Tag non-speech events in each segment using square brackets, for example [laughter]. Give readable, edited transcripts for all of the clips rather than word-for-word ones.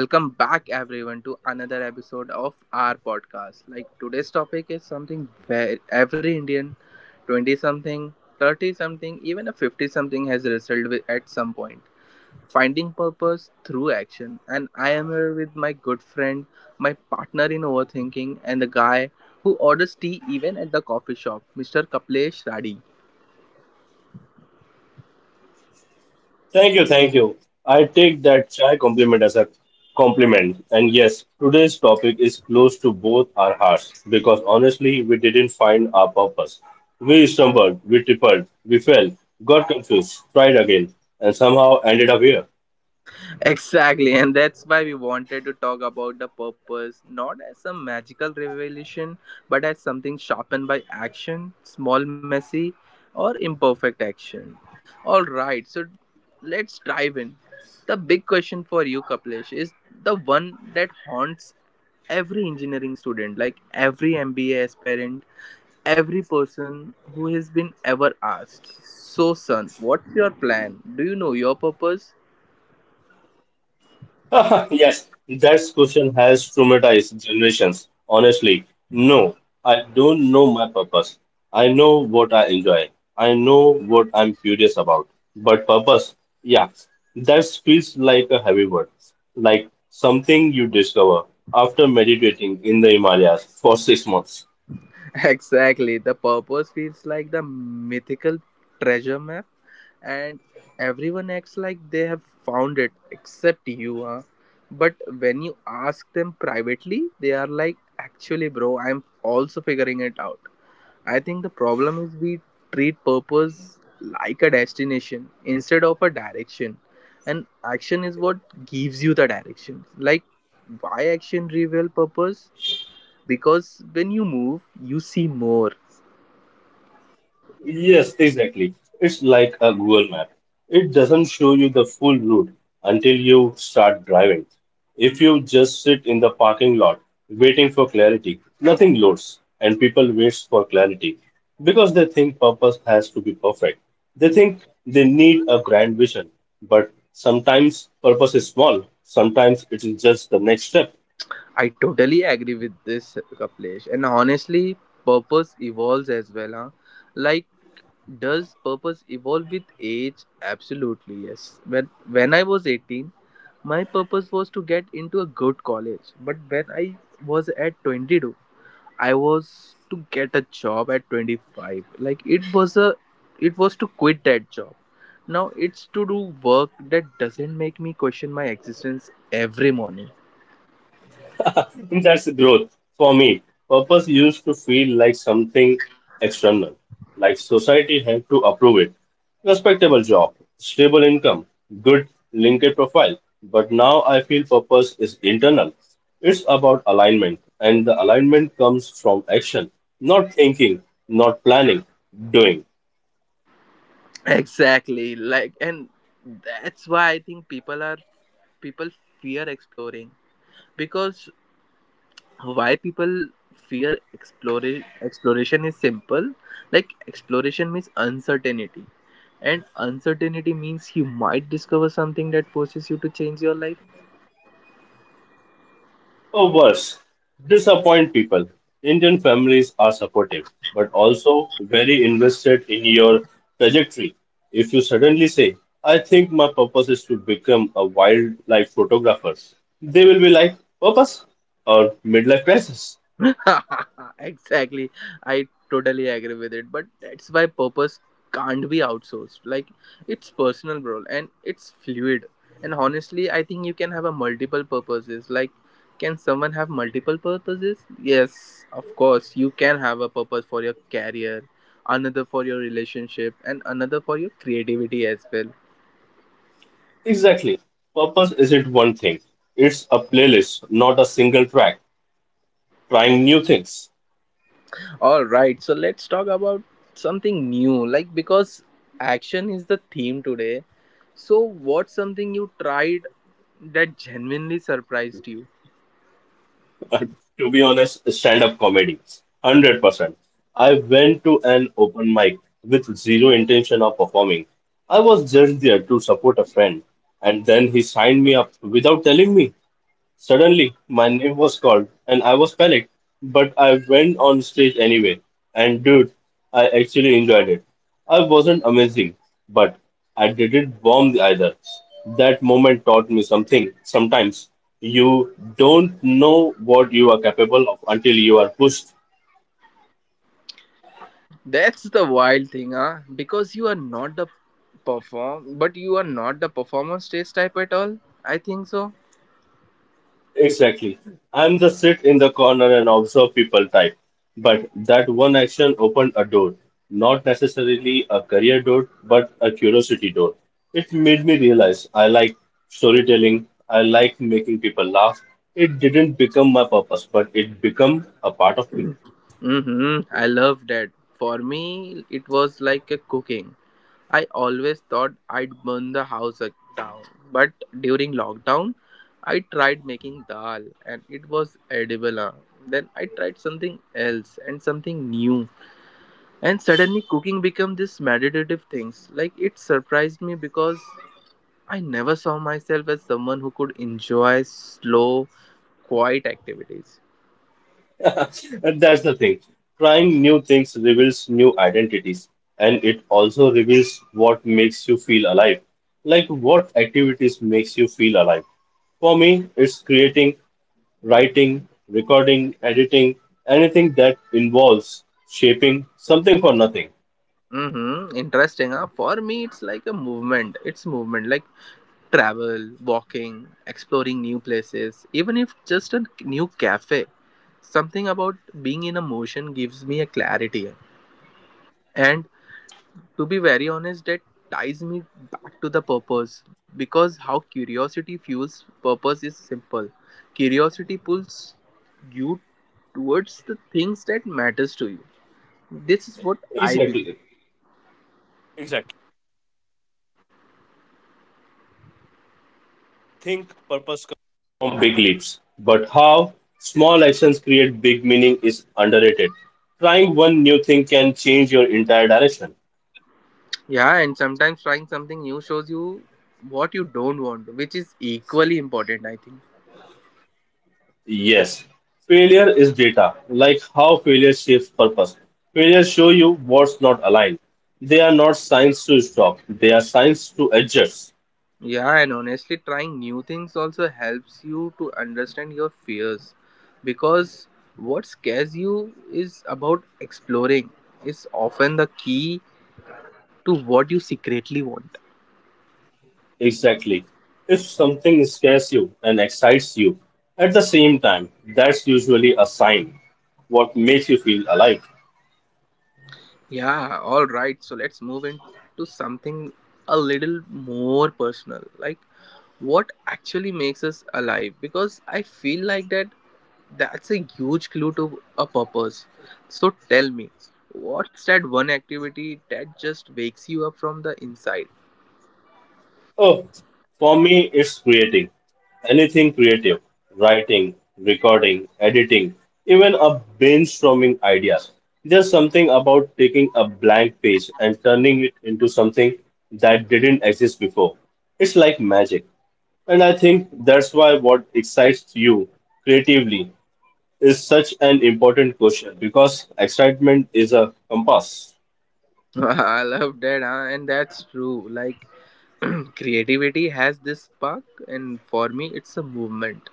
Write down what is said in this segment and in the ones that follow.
Welcome back, everyone, to another episode of our podcast. Today's topic is something where every Indian, 20 something, 30 something, even a 50 something, has wrestled with at some point finding purpose through action. And I am here with my good friend, my partner in overthinking, and the guy who orders tea even at the coffee shop, Mr. Kaplesh Radi. Thank you, thank you. I take that chai compliment as a compliment. And yes, today's topic is close to both our hearts because honestly, we didn't find our purpose. We stumbled, we tripped, we fell, got confused, tried again, and somehow ended up here. Exactly, and that's why we wanted to talk about the purpose not as some magical revelation, but as something sharpened by action, small, messy, or imperfect action. All right, so let's dive in. The big question for you, Kapilesh, is the one that haunts every engineering student, every MBA aspirant, every person who has been ever asked. So, son, what's your plan? Do you know your purpose? [laughs] Yes, that question has traumatized generations. Honestly, no, I don't know my purpose. I know what I enjoy. I know what I'm curious about. But purpose, yeah, that feels like a heavy word, like something you discover after meditating in the Himalayas for 6 months. [laughs] Exactly. The purpose feels like the mythical treasure map, and everyone acts like they have found it except you, huh? But when you ask them privately, they are like, actually, bro, I'm also figuring it out. I think the problem is we treat purpose like a destination instead of a direction. And action is what gives you the direction. Like, why action reveal purpose? Because when you move, you see more. Yes, exactly. It's like a Google map. It doesn't show you the full route until you start driving. If you just sit in the parking lot waiting for clarity, nothing loads, and people wait for clarity because they think purpose has to be perfect. They think they need a grand vision, but sometimes purpose is small, sometimes it is just the next step. I totally agree with this, Kaplesh. And honestly, purpose evolves as well, huh? Like, does purpose evolve with age? Absolutely, yes. When I was 18, my purpose was to get into a good college. But when I was at 22, I was to get a job at 25. It was to quit that job. Now it's to do work that doesn't make me question my existence every morning. [laughs] And that's the growth. For me, purpose used to feel like something external, like society had to approve it. Respectable job, stable income, good LinkedIn profile. But now I feel purpose is internal. It's about alignment, and the alignment comes from action, not thinking, not planning, doing. Exactly. And that's why I think people are people fear exploring because why people fear exploring exploration is simple. Like, exploration means uncertainty, and uncertainty means you might discover something that forces you to change your life. Or worse, disappoint people. Indian families are supportive, but also very invested in your trajectory. If you suddenly say, I think my purpose is to become a wildlife photographer, they will be like, purpose? Or midlife crisis? [laughs] Exactly. I totally agree with it. But that's why purpose can't be outsourced. Like, it's personal, bro, and it's fluid. And honestly, I think you can have a multiple purposes. Like, can someone have multiple purposes? Yes, of course. You can have a purpose for your career, another for your relationship, and another for your creativity as well. Exactly. Purpose isn't one thing, it's a playlist, not a single track. Trying new things. All right, so let's talk about something new. Like, because action is the theme today. So, what's something you tried that genuinely surprised you? To be honest, stand-up comedy, 100%. I went to an open mic with zero intention of performing. I was just there to support a friend, and then he signed me up without telling me. Suddenly, my name was called, and I was panicked, but I went on stage anyway. And dude, I actually enjoyed it. I wasn't amazing, but I didn't bomb either. That moment taught me something. Sometimes you don't know what you are capable of until you are pushed. That's the wild thing, huh? Because you are not the performer stage type at all. I think so. Exactly. I'm the sit in the corner and observe people type. But that one action opened a door. Not necessarily a career door, but a curiosity door. It made me realize I like storytelling. I like making people laugh. It didn't become my purpose, but it became a part of me. Mm-hmm. I love that. For me, it was like a cooking. I always thought I'd burn the house ac- down, but during lockdown, I tried making dal and it was edible. Huh? Then I tried something else and something new. And suddenly cooking became this meditative things. Like, it surprised me because I never saw myself as someone who could enjoy slow, quiet activities. And that's the thing. Trying new things reveals new identities, and it also reveals what makes you feel alive. Like what activities makes you feel alive. For me, it's creating, writing, recording, editing, anything that involves shaping something for nothing. Mm-hmm. Interesting, huh? For me, it's like a movement. It's movement like travel, walking, exploring new places, even if just a new cafe. Something about being in a motion gives me a clarity. And to be very honest, that ties me back to the purpose because how curiosity fuels purpose is simple. Curiosity pulls you towards the things that matters to you. This is what I Exactly. believe. Yeah, and sometimes trying something new shows you what you don't want, which is equally important, I think. Yes, failure is data, like how failure shapes purpose. Failures show you what's not aligned. They are not signs to stop, they are signs to adjust. Yeah, and honestly, trying new things also helps you to understand your fears because what scares you is about exploring is often the key to what you secretly want. Exactly. If something scares you and excites you at the same time, that's usually a sign. What makes you feel alive? Yeah, all right. So let's move into something a little more personal, like what actually makes us alive because I feel like that's a huge clue to a purpose. So tell me, what's that one activity that just wakes you up from the inside? Oh, for me, it's creating. Anything creative. Writing, recording, editing, even a brainstorming ideas. There's something about taking a blank page and turning it into something that didn't exist before. It's like magic. And I think that's why what excites you creatively is such an important question because excitement is a compass. [laughs] I love that, huh? And that's true. Like, [clears throat] creativity has this spark, and for me, it's a movement.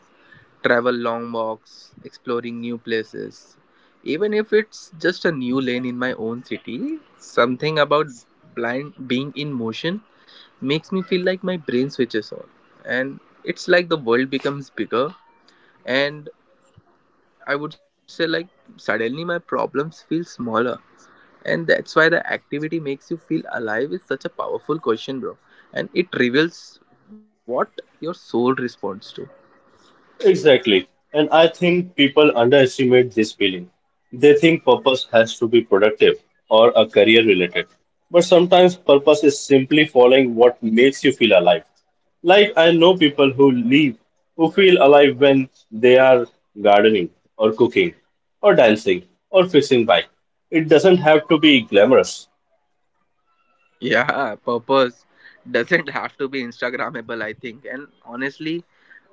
Travel, long walks, exploring new places. Even if it's just a new lane in my own city, something about blind being in motion makes me feel like my brain switches on, and it's like the world becomes bigger, and I would say like suddenly my problems feel smaller. And that's why the activity makes you feel alive is such a powerful question, bro. And it reveals what your soul responds to. Exactly. And I think people underestimate this feeling. They think purpose has to be productive or a career related. But sometimes purpose is simply following what makes you feel alive. Like I know people who live who feel alive when they are gardening or cooking or dancing or fixing bike. It doesn't have to be glamorous. Yeah, purpose doesn't have to be instagrammable, I think. And honestly,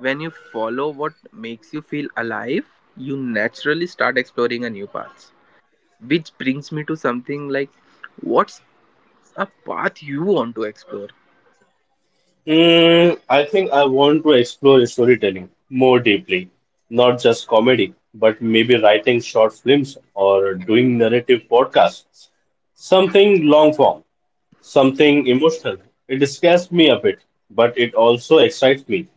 when you follow what makes you feel alive, you naturally start exploring a new path. Which brings me to something like, what's a path you want to explore? Mm, I think I want to explore storytelling more deeply, not just comedy, but maybe writing short films or doing narrative podcasts. Something long form, something emotional. It scares me a bit, but it also excites me.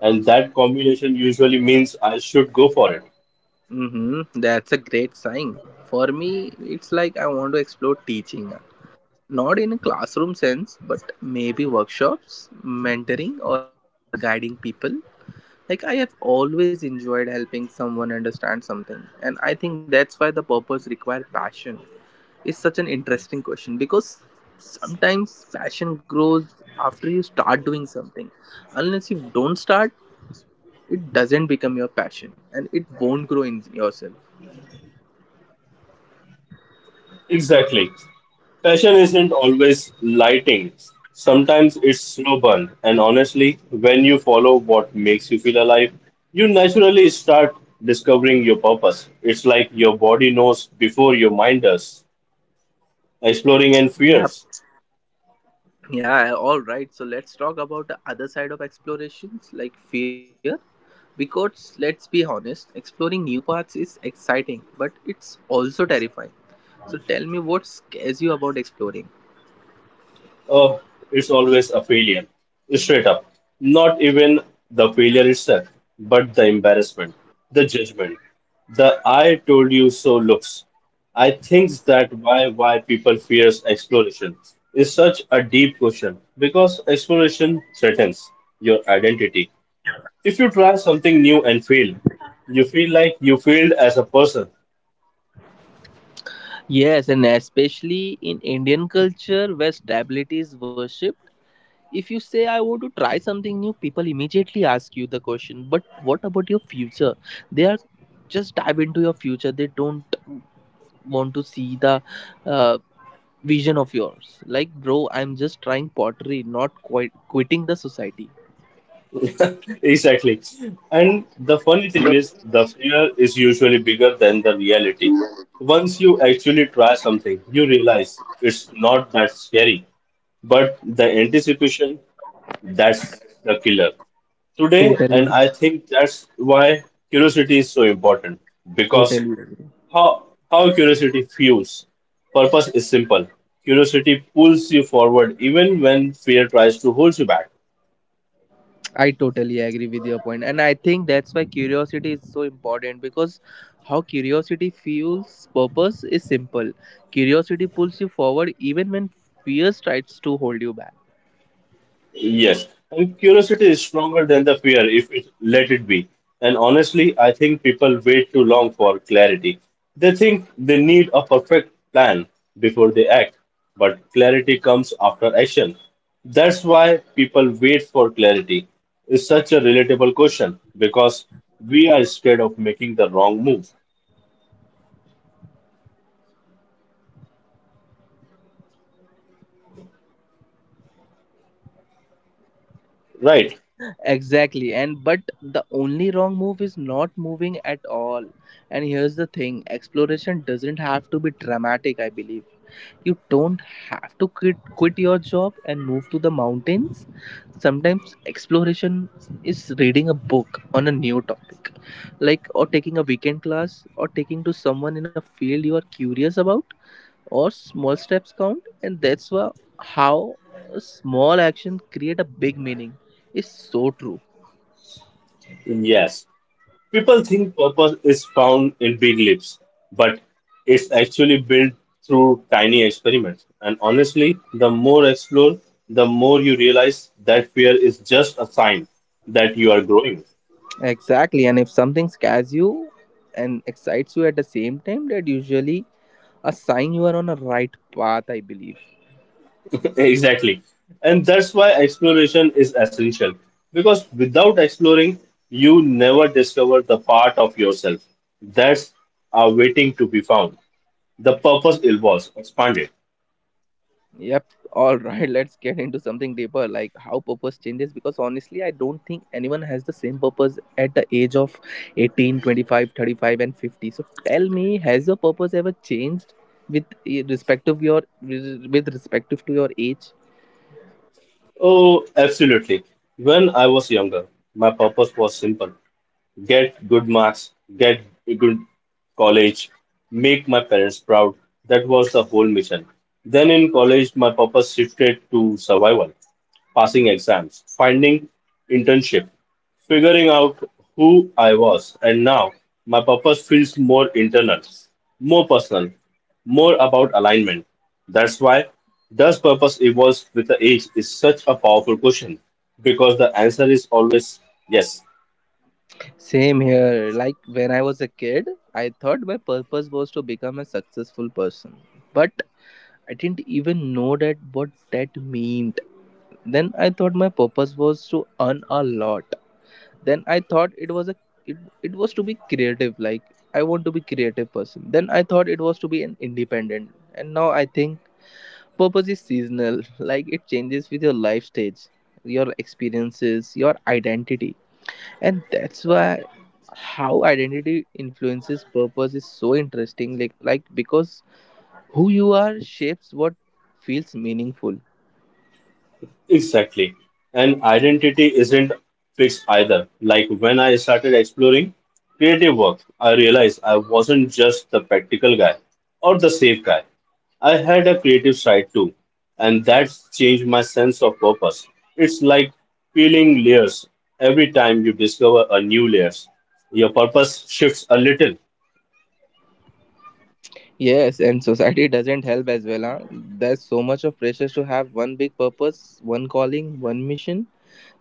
And that combination usually means I should go for it. Hmm, that's a great sign. For me, it's like I want to explore teaching. Not in a classroom sense, but maybe workshops, mentoring, or guiding people. Like, I have always enjoyed helping someone understand something. And I think that's why the purpose requires passion. It's such an interesting question because sometimes passion grows after you start doing something. Unless you don't start, it doesn't become your passion and it won't grow in yourself. Exactly. Passion isn't always lighting. Sometimes it's slow burn. And honestly, when you follow what makes you feel alive, you naturally start discovering your purpose. It's like your body knows before your mind does, exploring and Yeah. fears. Yeah, all right. So let's talk about the other side of explorations like fear. Because let's be honest, exploring new paths is exciting, but it's also terrifying. So tell me, what scares you about exploring? Oh, it's always a failure. Straight up. Not even the failure itself, but the embarrassment, the judgment, the I told you so looks. I think that why people fears exploration is such a deep question because exploration threatens your identity. If you try something new and fail, you feel like you failed as a person. Yes, and especially in Indian culture where stability is worshipped. If you say, I want to try something new, people immediately ask you the question, but what about your future? They are just dive into your future. They don't want to see the uh, vision of yours. Like, bro, I'm just trying pottery, not quite quitting the society. Exactly. And the funny thing is, the fear is usually bigger than the reality. Once you actually try something, you realize it's not that scary, but the anticipation, that's the killer. Today, and Totally, I think that's why curiosity is so important because totally. how curiosity fuels purpose is simple. Curiosity pulls you forward even when fear tries to hold you back. I totally agree with your point, and I think that's why curiosity is so important because how curiosity fuels purpose is simple. Curiosity pulls you forward even when fear tries to hold you back. Yes, and curiosity is stronger than the fear if it let it be. And honestly, I think people wait too long for clarity. They think they need a perfect plan before they act, but clarity comes after action. That's why people wait for clarity. It's such a relatable question because we are scared of making the wrong move, right? Exactly, and but the only wrong move is not moving at all. And here's the thing, exploration doesn't have to be dramatic, I believe. You don't have to quit your job and move to the mountains. Sometimes exploration is reading a book on a new topic, like, or taking a weekend class, or taking to someone in a field you are curious about, or small steps count. And that's why how a small action create a big meaning is so true. Yes. People think purpose is found in big leaps, but it's actually built through tiny experiments. And honestly, the more explore, the more you realize that fear is just a sign that you are growing. Exactly, and if something scares you and excites you at the same time, that usually a sign you are on a right path, I believe. [laughs] Exactly. And that's why exploration is essential. Because without exploring, you never discover the part of yourself that's are waiting to be found. The purpose evolves, expanded. Yep. All right. [laughs] Let's get into something deeper, like how purpose changes. Because honestly, I don't think anyone has the same purpose at the age of 18, 25, 35, and 50. So tell me, has your purpose ever changed with respective to your age? Oh, absolutely. When I was younger, my purpose was simple get good marks, get a good college, make my parents proud. That was the whole mission. Then in college, my purpose shifted to survival passing exams, finding internship, figuring out who I was, and now my purpose feels more internal, more personal, more about alignment. That's why does purpose evolve with the age is such a powerful question because the answer is always yes. Same here. Like, when I was a kid, I thought my purpose was to become a successful person. But I didn't even know that what that meant. Then I thought my purpose was to earn a lot. Then I thought it was to be creative. Like, I want to be creative person. Then I thought it was to be an independent. And now I think purpose is seasonal [laughs] like it changes with your life stage, your experiences, your identity. And that's why how identity influences purpose is so interesting, like because who you are shapes what feels meaningful. Exactly. And identity isn't fixed either. Like when I started exploring creative work, I realized I wasn't just the practical guy or the safe guy. I had a creative side too, and that changed my sense of purpose. It's like peeling layers. Every time you discover a new layers, your purpose shifts a little. Yes, and society [laughs] doesn't help as well, huh? There's so much of pressure to have one big purpose, one calling, one mission.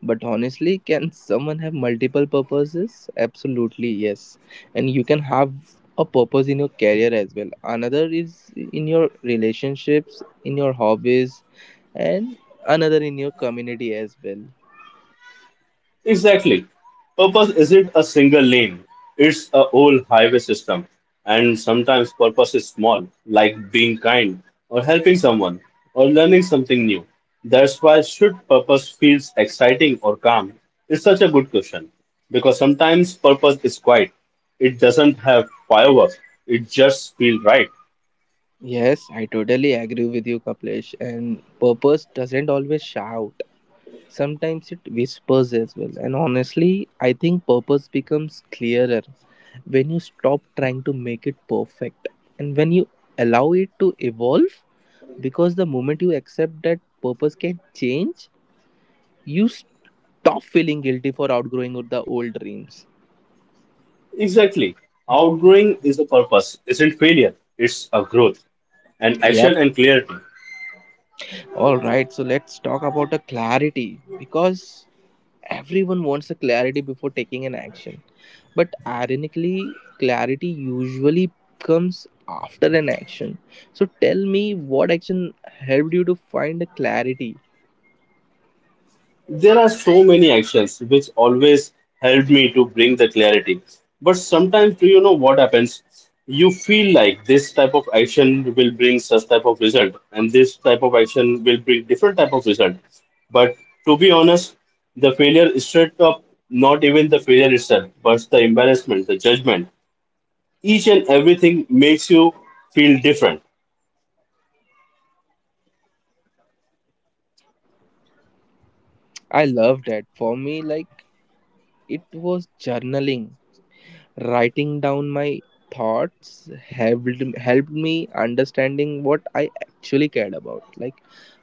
But honestly, can someone have multiple purposes? Absolutely, yes. And you can have a purpose in your career as well, another is in your relationships, in your hobbies, and another in your community as well. Exactly. Purpose isn't a single lane, it's a whole highway system. And sometimes purpose is small, like being kind, or helping someone, or learning something new. That's why should purpose feels exciting or calm? It's such a good question. Because sometimes purpose is quiet. It doesn't have fireworks. It just feels right. Yes, I totally agree with you, Kaplesh. And purpose doesn't always shout. Sometimes it whispers as well. And honestly, I think purpose becomes clearer when you stop trying to make it perfect and when you allow it to evolve. Because the moment you accept that purpose can change, you stop feeling guilty for outgrowing the old dreams. Exactly. Outgrowing is a purpose, isn't failure. It's a growth. And Yep. action and clarity. All right. So let's talk about the clarity because everyone wants a clarity before taking an action. But ironically, clarity usually comes after an action. So tell me, what action helped you to find the clarity? There are so many actions which always help me to bring the clarity. But sometimes, do you know what happens? You feel like this type of action will bring such type of result, and this type of action will bring different type of result. But to be honest, the failure is straight up not even the failure itself, but the embarrassment, the judgment, each and everything makes you feel different. I love that. For me, like, it was journaling. Writing down my thoughts helped me understanding what I actually cared about. Like,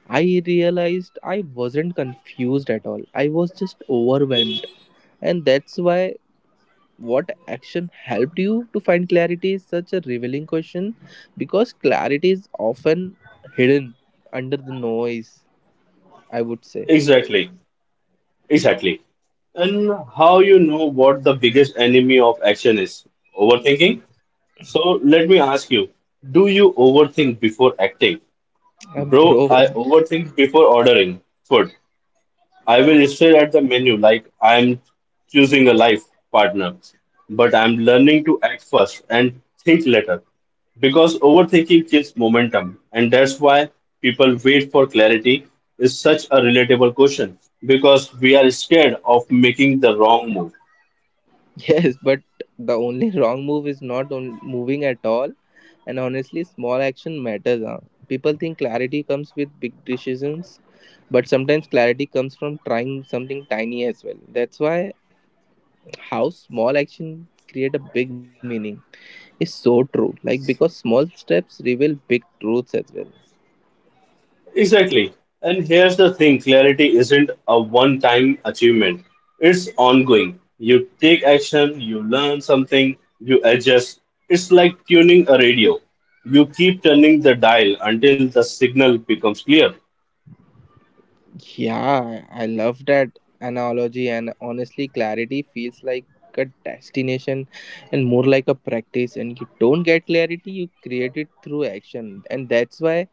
I realized I wasn't confused at all. I was just overwhelmed. And that's why what action helped you to find clarity is such a revealing question because clarity is often hidden under the noise, I would say. Exactly. Exactly. And how you know what the biggest enemy of action is? Overthinking? So let me ask you, do you overthink before acting? Uh, Bro, bro. I overthink before ordering food. I will stare at the menu like I'm choosing a life partner, but I'm learning to act first and think later because overthinking kills momentum, and that's why people wait for clarity is such a relatable question because we are scared of making the wrong move. [laughs] Yes, but the only wrong move is not on moving at all. And honestly, small action matters, huh? People think clarity comes with big decisions, but sometimes clarity comes from trying something tiny as well. That's why "how small action create a big meaning" is so true, like, because small steps reveal big truths as well. Exactly. And here's the thing clarity isn't a one time achievement, it's ongoing. You take action, you learn something, you adjust. It's like tuning a radio. You keep turning the dial until the signal becomes clear. Yeah, I love that analogy, and honestly, clarity feels like a destination and more like a practice. And you don't get clarity, you create it through action, and that's why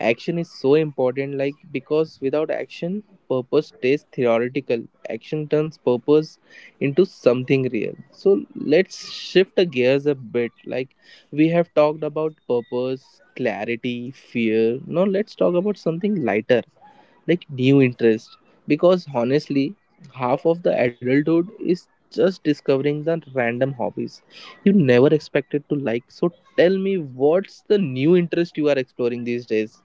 action is so important. Like, because without action, purpose stays theoretical, action turns purpose into something real. So, let's shift the gears a bit. Like, we have talked about purpose, clarity, fear. Now, let's talk about something lighter, like new interest, because honestly half of the adulthood is just discovering the random hobbies you never expected to like. So tell me, what's the new interest you are exploring these days?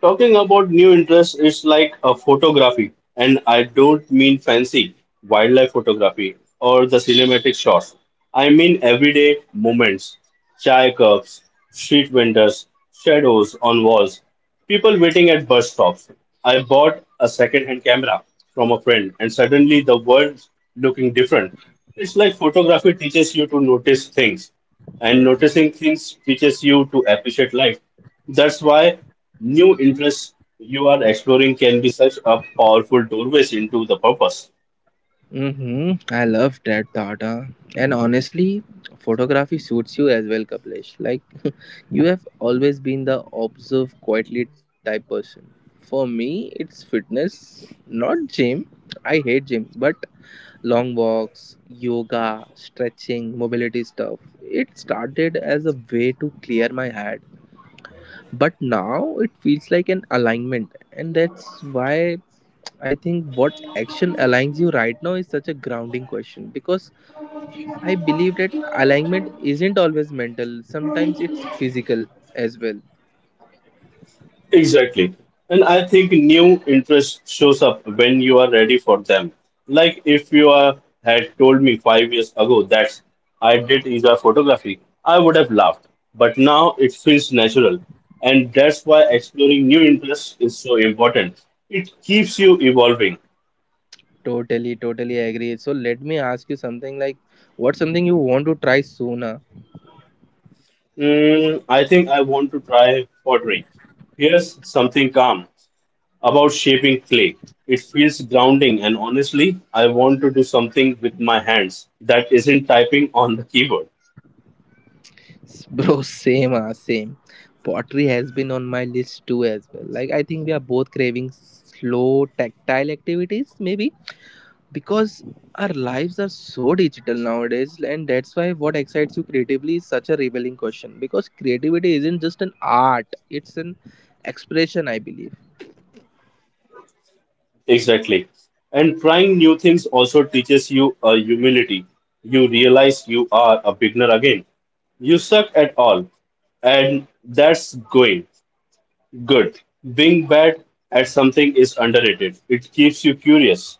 Talking about new interests, it's like a photography, and I don't mean fancy wildlife photography or the cinematic shots. I mean everyday moments, chai cups, street vendors, shadows on walls, people waiting at bus stops. I bought a second-hand camera from a friend, and suddenly the world's looking different. It's like photography teaches you to notice things, and noticing things teaches you to appreciate life. That's why new interests you are exploring can be such a powerful doorways into the purpose. Mm-hmm. I love that thought. Huh? And honestly, photography suits you as well, Kapilesh. Like, [laughs] you have always been the observe quietly type person. For me, it's fitness, not gym. I hate gym, but long walks, yoga, stretching, mobility stuff. It started as a way to clear my head, but now it feels like an alignment, and that's why I think "what action aligns you right now" is such a grounding question, because I believe that alignment isn't always mental, sometimes it's physical as well. Exactly. And I think new interest shows up when you are ready for them. Like if you are, had told me 5 years ago that I did is photography, I would have laughed. But now it feels natural. And that's why exploring new interests is so important. It keeps you evolving. Totally, totally agree. So, let me ask you something, like, what's something you want to try sooner? Mm, I think I want to try pottery. Here's something calm about shaping clay. It feels grounding, and honestly, I want to do something with my hands that isn't typing on the keyboard. [laughs] Bro, same, same. Pottery has been on my list too as well. Like, I think we are both craving slow tactile activities, maybe because our lives are so digital nowadays, and that's why "what excites you creatively" is such a revealing question. Because creativity isn't just an art; it's an expression, I believe. Exactly. And trying new things also teaches you a humility. You realize you are a beginner again. You suck at all, and that's going good. Being bad at something is underrated. It keeps you curious.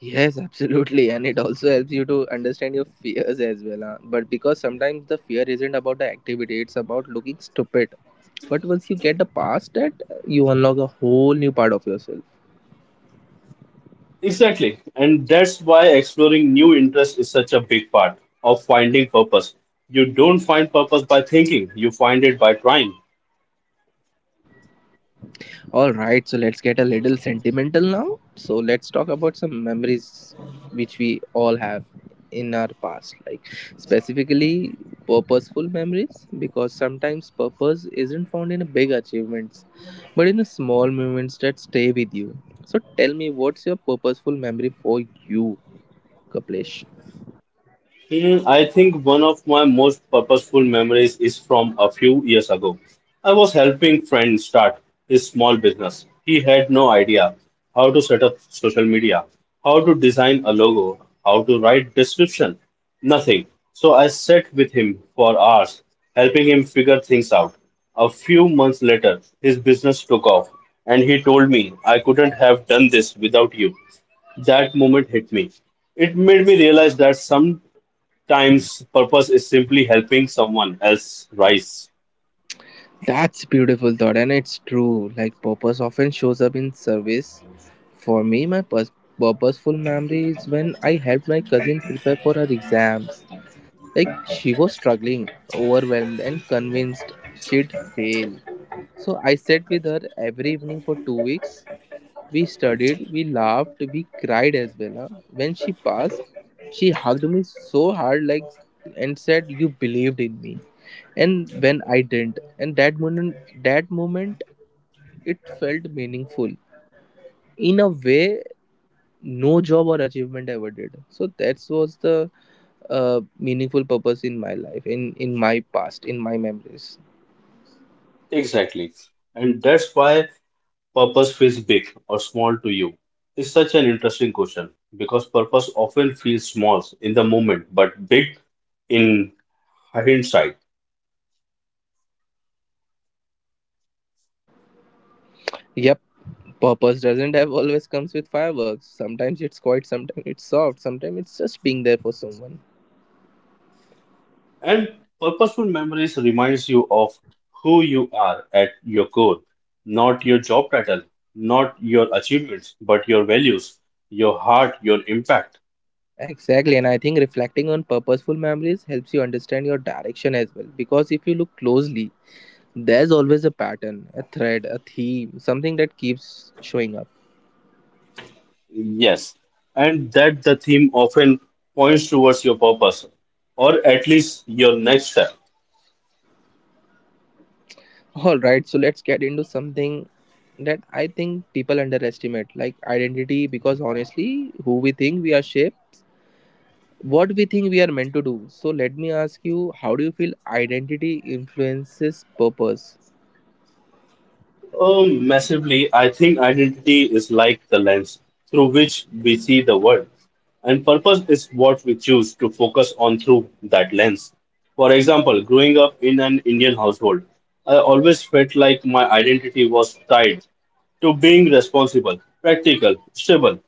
Yes, absolutely, and it also helps you to understand your fears as well. Huh? But because sometimes the fear isn't about the activity; it's about looking stupid. But once you get the past that, you unlock a whole new part of yourself. Exactly. And that's why exploring new interests is such a big part of finding purpose. You don't find purpose by thinking, you find it by trying. All right so let's get a little sentimental now. So let's talk about some memories which we all have in our past, like, specifically purposeful memories, because sometimes purpose isn't found in big achievements but in small moments that stay with you. So tell me, what's your purposeful memory for you, Kaplesh? Hmm, I think one of my most purposeful memories is from a few years ago. I was helping friend start his small business. He had no idea how to set up social media, how to design a logo, how to write description, nothing. So I sat with him for hours, helping him figure things out. A few months later, his business took off, and he told me I couldn't have done this without you. That moment hit me. It made me realize that times purpose is simply helping someone else rise. That's beautiful thought, and it's true. Like, purpose often shows up in service. For me, my purposeful memory is when I helped my cousin prepare for her exams. Like, she was struggling, overwhelmed, and convinced she'd fail. So I sat with her every evening for two weeks. We studied, we laughed, we cried as well. Huh? When she passed, she hugged me so hard, like, and said, "You believed in me, and when I didn't." And that moment, it felt meaningful in a way no job or achievement ever did. So that was the meaningful purpose in my life, in my past, in my memories. Exactly. And that's why purpose feels big or small to you. It's such an interesting question because purpose often feels small in the moment but big in hindsight. Yep, purpose doesn't have always comes with fireworks. Sometimes it's quiet, sometimes it's soft, sometimes it's just being there for someone. And purposeful memories reminds you of who you are at your core, not your job title, not your achievements, but your values, your heart, your impact. Exactly, and I think reflecting on purposeful memories helps you understand your direction as well. Because if you look closely, there's always a pattern, a thread, a theme, something that keeps showing up. Yes, and that the theme often points towards your purpose, or at least your next step. Alright, so let's get into something that I think people underestimate, like identity, because honestly, who we think we are shapes what we think we are meant to do. So let me ask you, how do you feel identity influences purpose? Massively, I think identity is like the lens through which we see the world, and purpose is what we choose to focus on through that lens. For example, growing up in an Indian household, I always felt like my identity was tied to being responsible, practical, stable.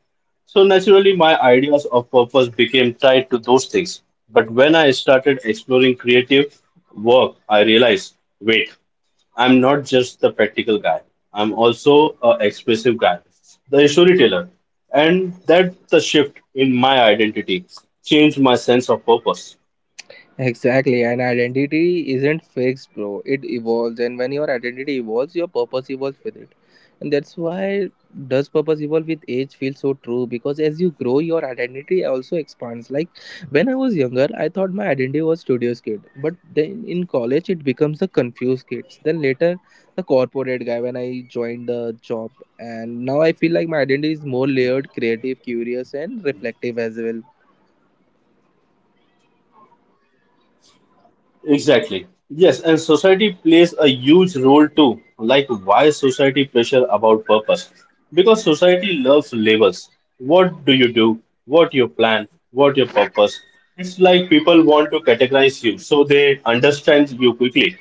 So naturally, my ideas of purpose became tied to those things. But when I started exploring creative work, I realized wait. I'm not just the practical guy. I'm also a expressive guy, the storyteller, and that the shift in my identity changed my sense of purpose. Exactly, and identity isn't fixed, bro. It evolves, and when your identity evolves, your purpose evolves with it. And that's why "does purpose evolve with age" feel so true, because as you grow, your identity also expands. Like, when I was younger, I thought my identity was studious kid, but then in college, it becomes the confused kids. Then later, the corporate guy when I joined the job, and now I feel like my identity is more layered, creative, curious, and reflective as well. Exactly. Yes, and society plays a huge role too. Like why society pressure about purpose? Because society loves labels. What do you do? What your plan? What your purpose? It's like people want to categorize you so they understand you quickly.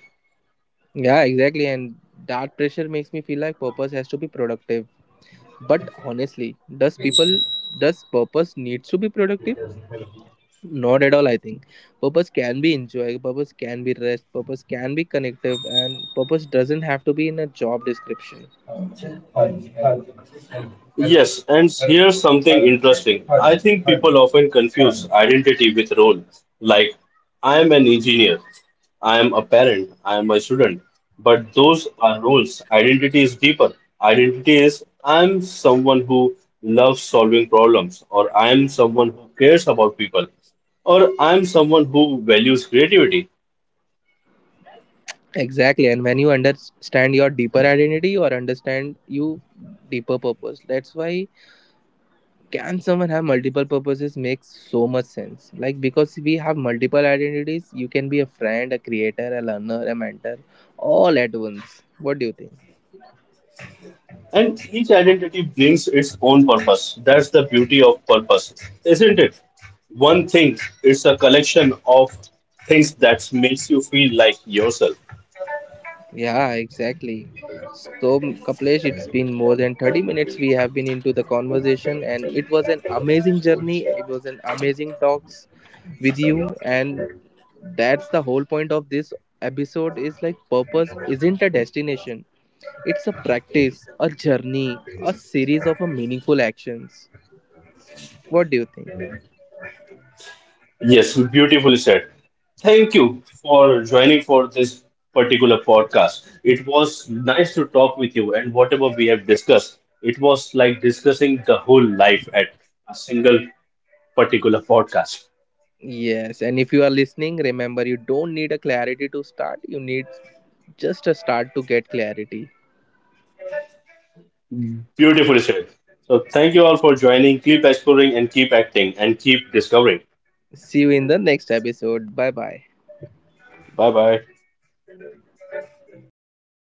Yeah, exactly. And that pressure makes me feel like purpose has to be productive. But honestly, does people, does purpose needs to be productive? Not at all, I think. Purpose can be enjoy, purpose can be rest, purpose can be connective, and purpose doesn't have to be in a job description. Yes, and here's something interesting. I think people often confuse identity with role. Like, I am an engineer, I am a parent, I am a student. But those are roles. Identity is deeper. Identity is I am someone who loves solving problems, or I am someone who cares about people, or I am someone who values creativity. Exactly. And when you understand your deeper identity, or understand you deeper purpose. That's why "can someone have multiple purposes" makes so much sense, like, because we have multiple identities. You can be a friend, a creator, a learner, a mentor, all at once. What do you think? And each identity brings its own purpose. That's the beauty of purpose, isn't it? One thing is a collection of things that makes you feel like yourself. Yeah, exactly. So, Kaplesh, it's been more than 30 minutes we have been into the conversation, and it was an amazing journey, it was an amazing talks with you. And that's the whole point of this episode, is like purpose isn't a destination. It's a practice, a journey, a series of a meaningful actions. What do you think? Yes, beautifully said. Thank you for joining for this particular podcast. It was nice to talk with you, and whatever we have discussed, it was like discussing the whole life at a single particular podcast. Yes, and if you are listening, remember you don't need a clarity to start, you need just a start to get clarity. Beautifully said. So thank you all for joining. Keep exploring and keep acting and keep discovering. See you in the next episode. Bye bye. Bye bye.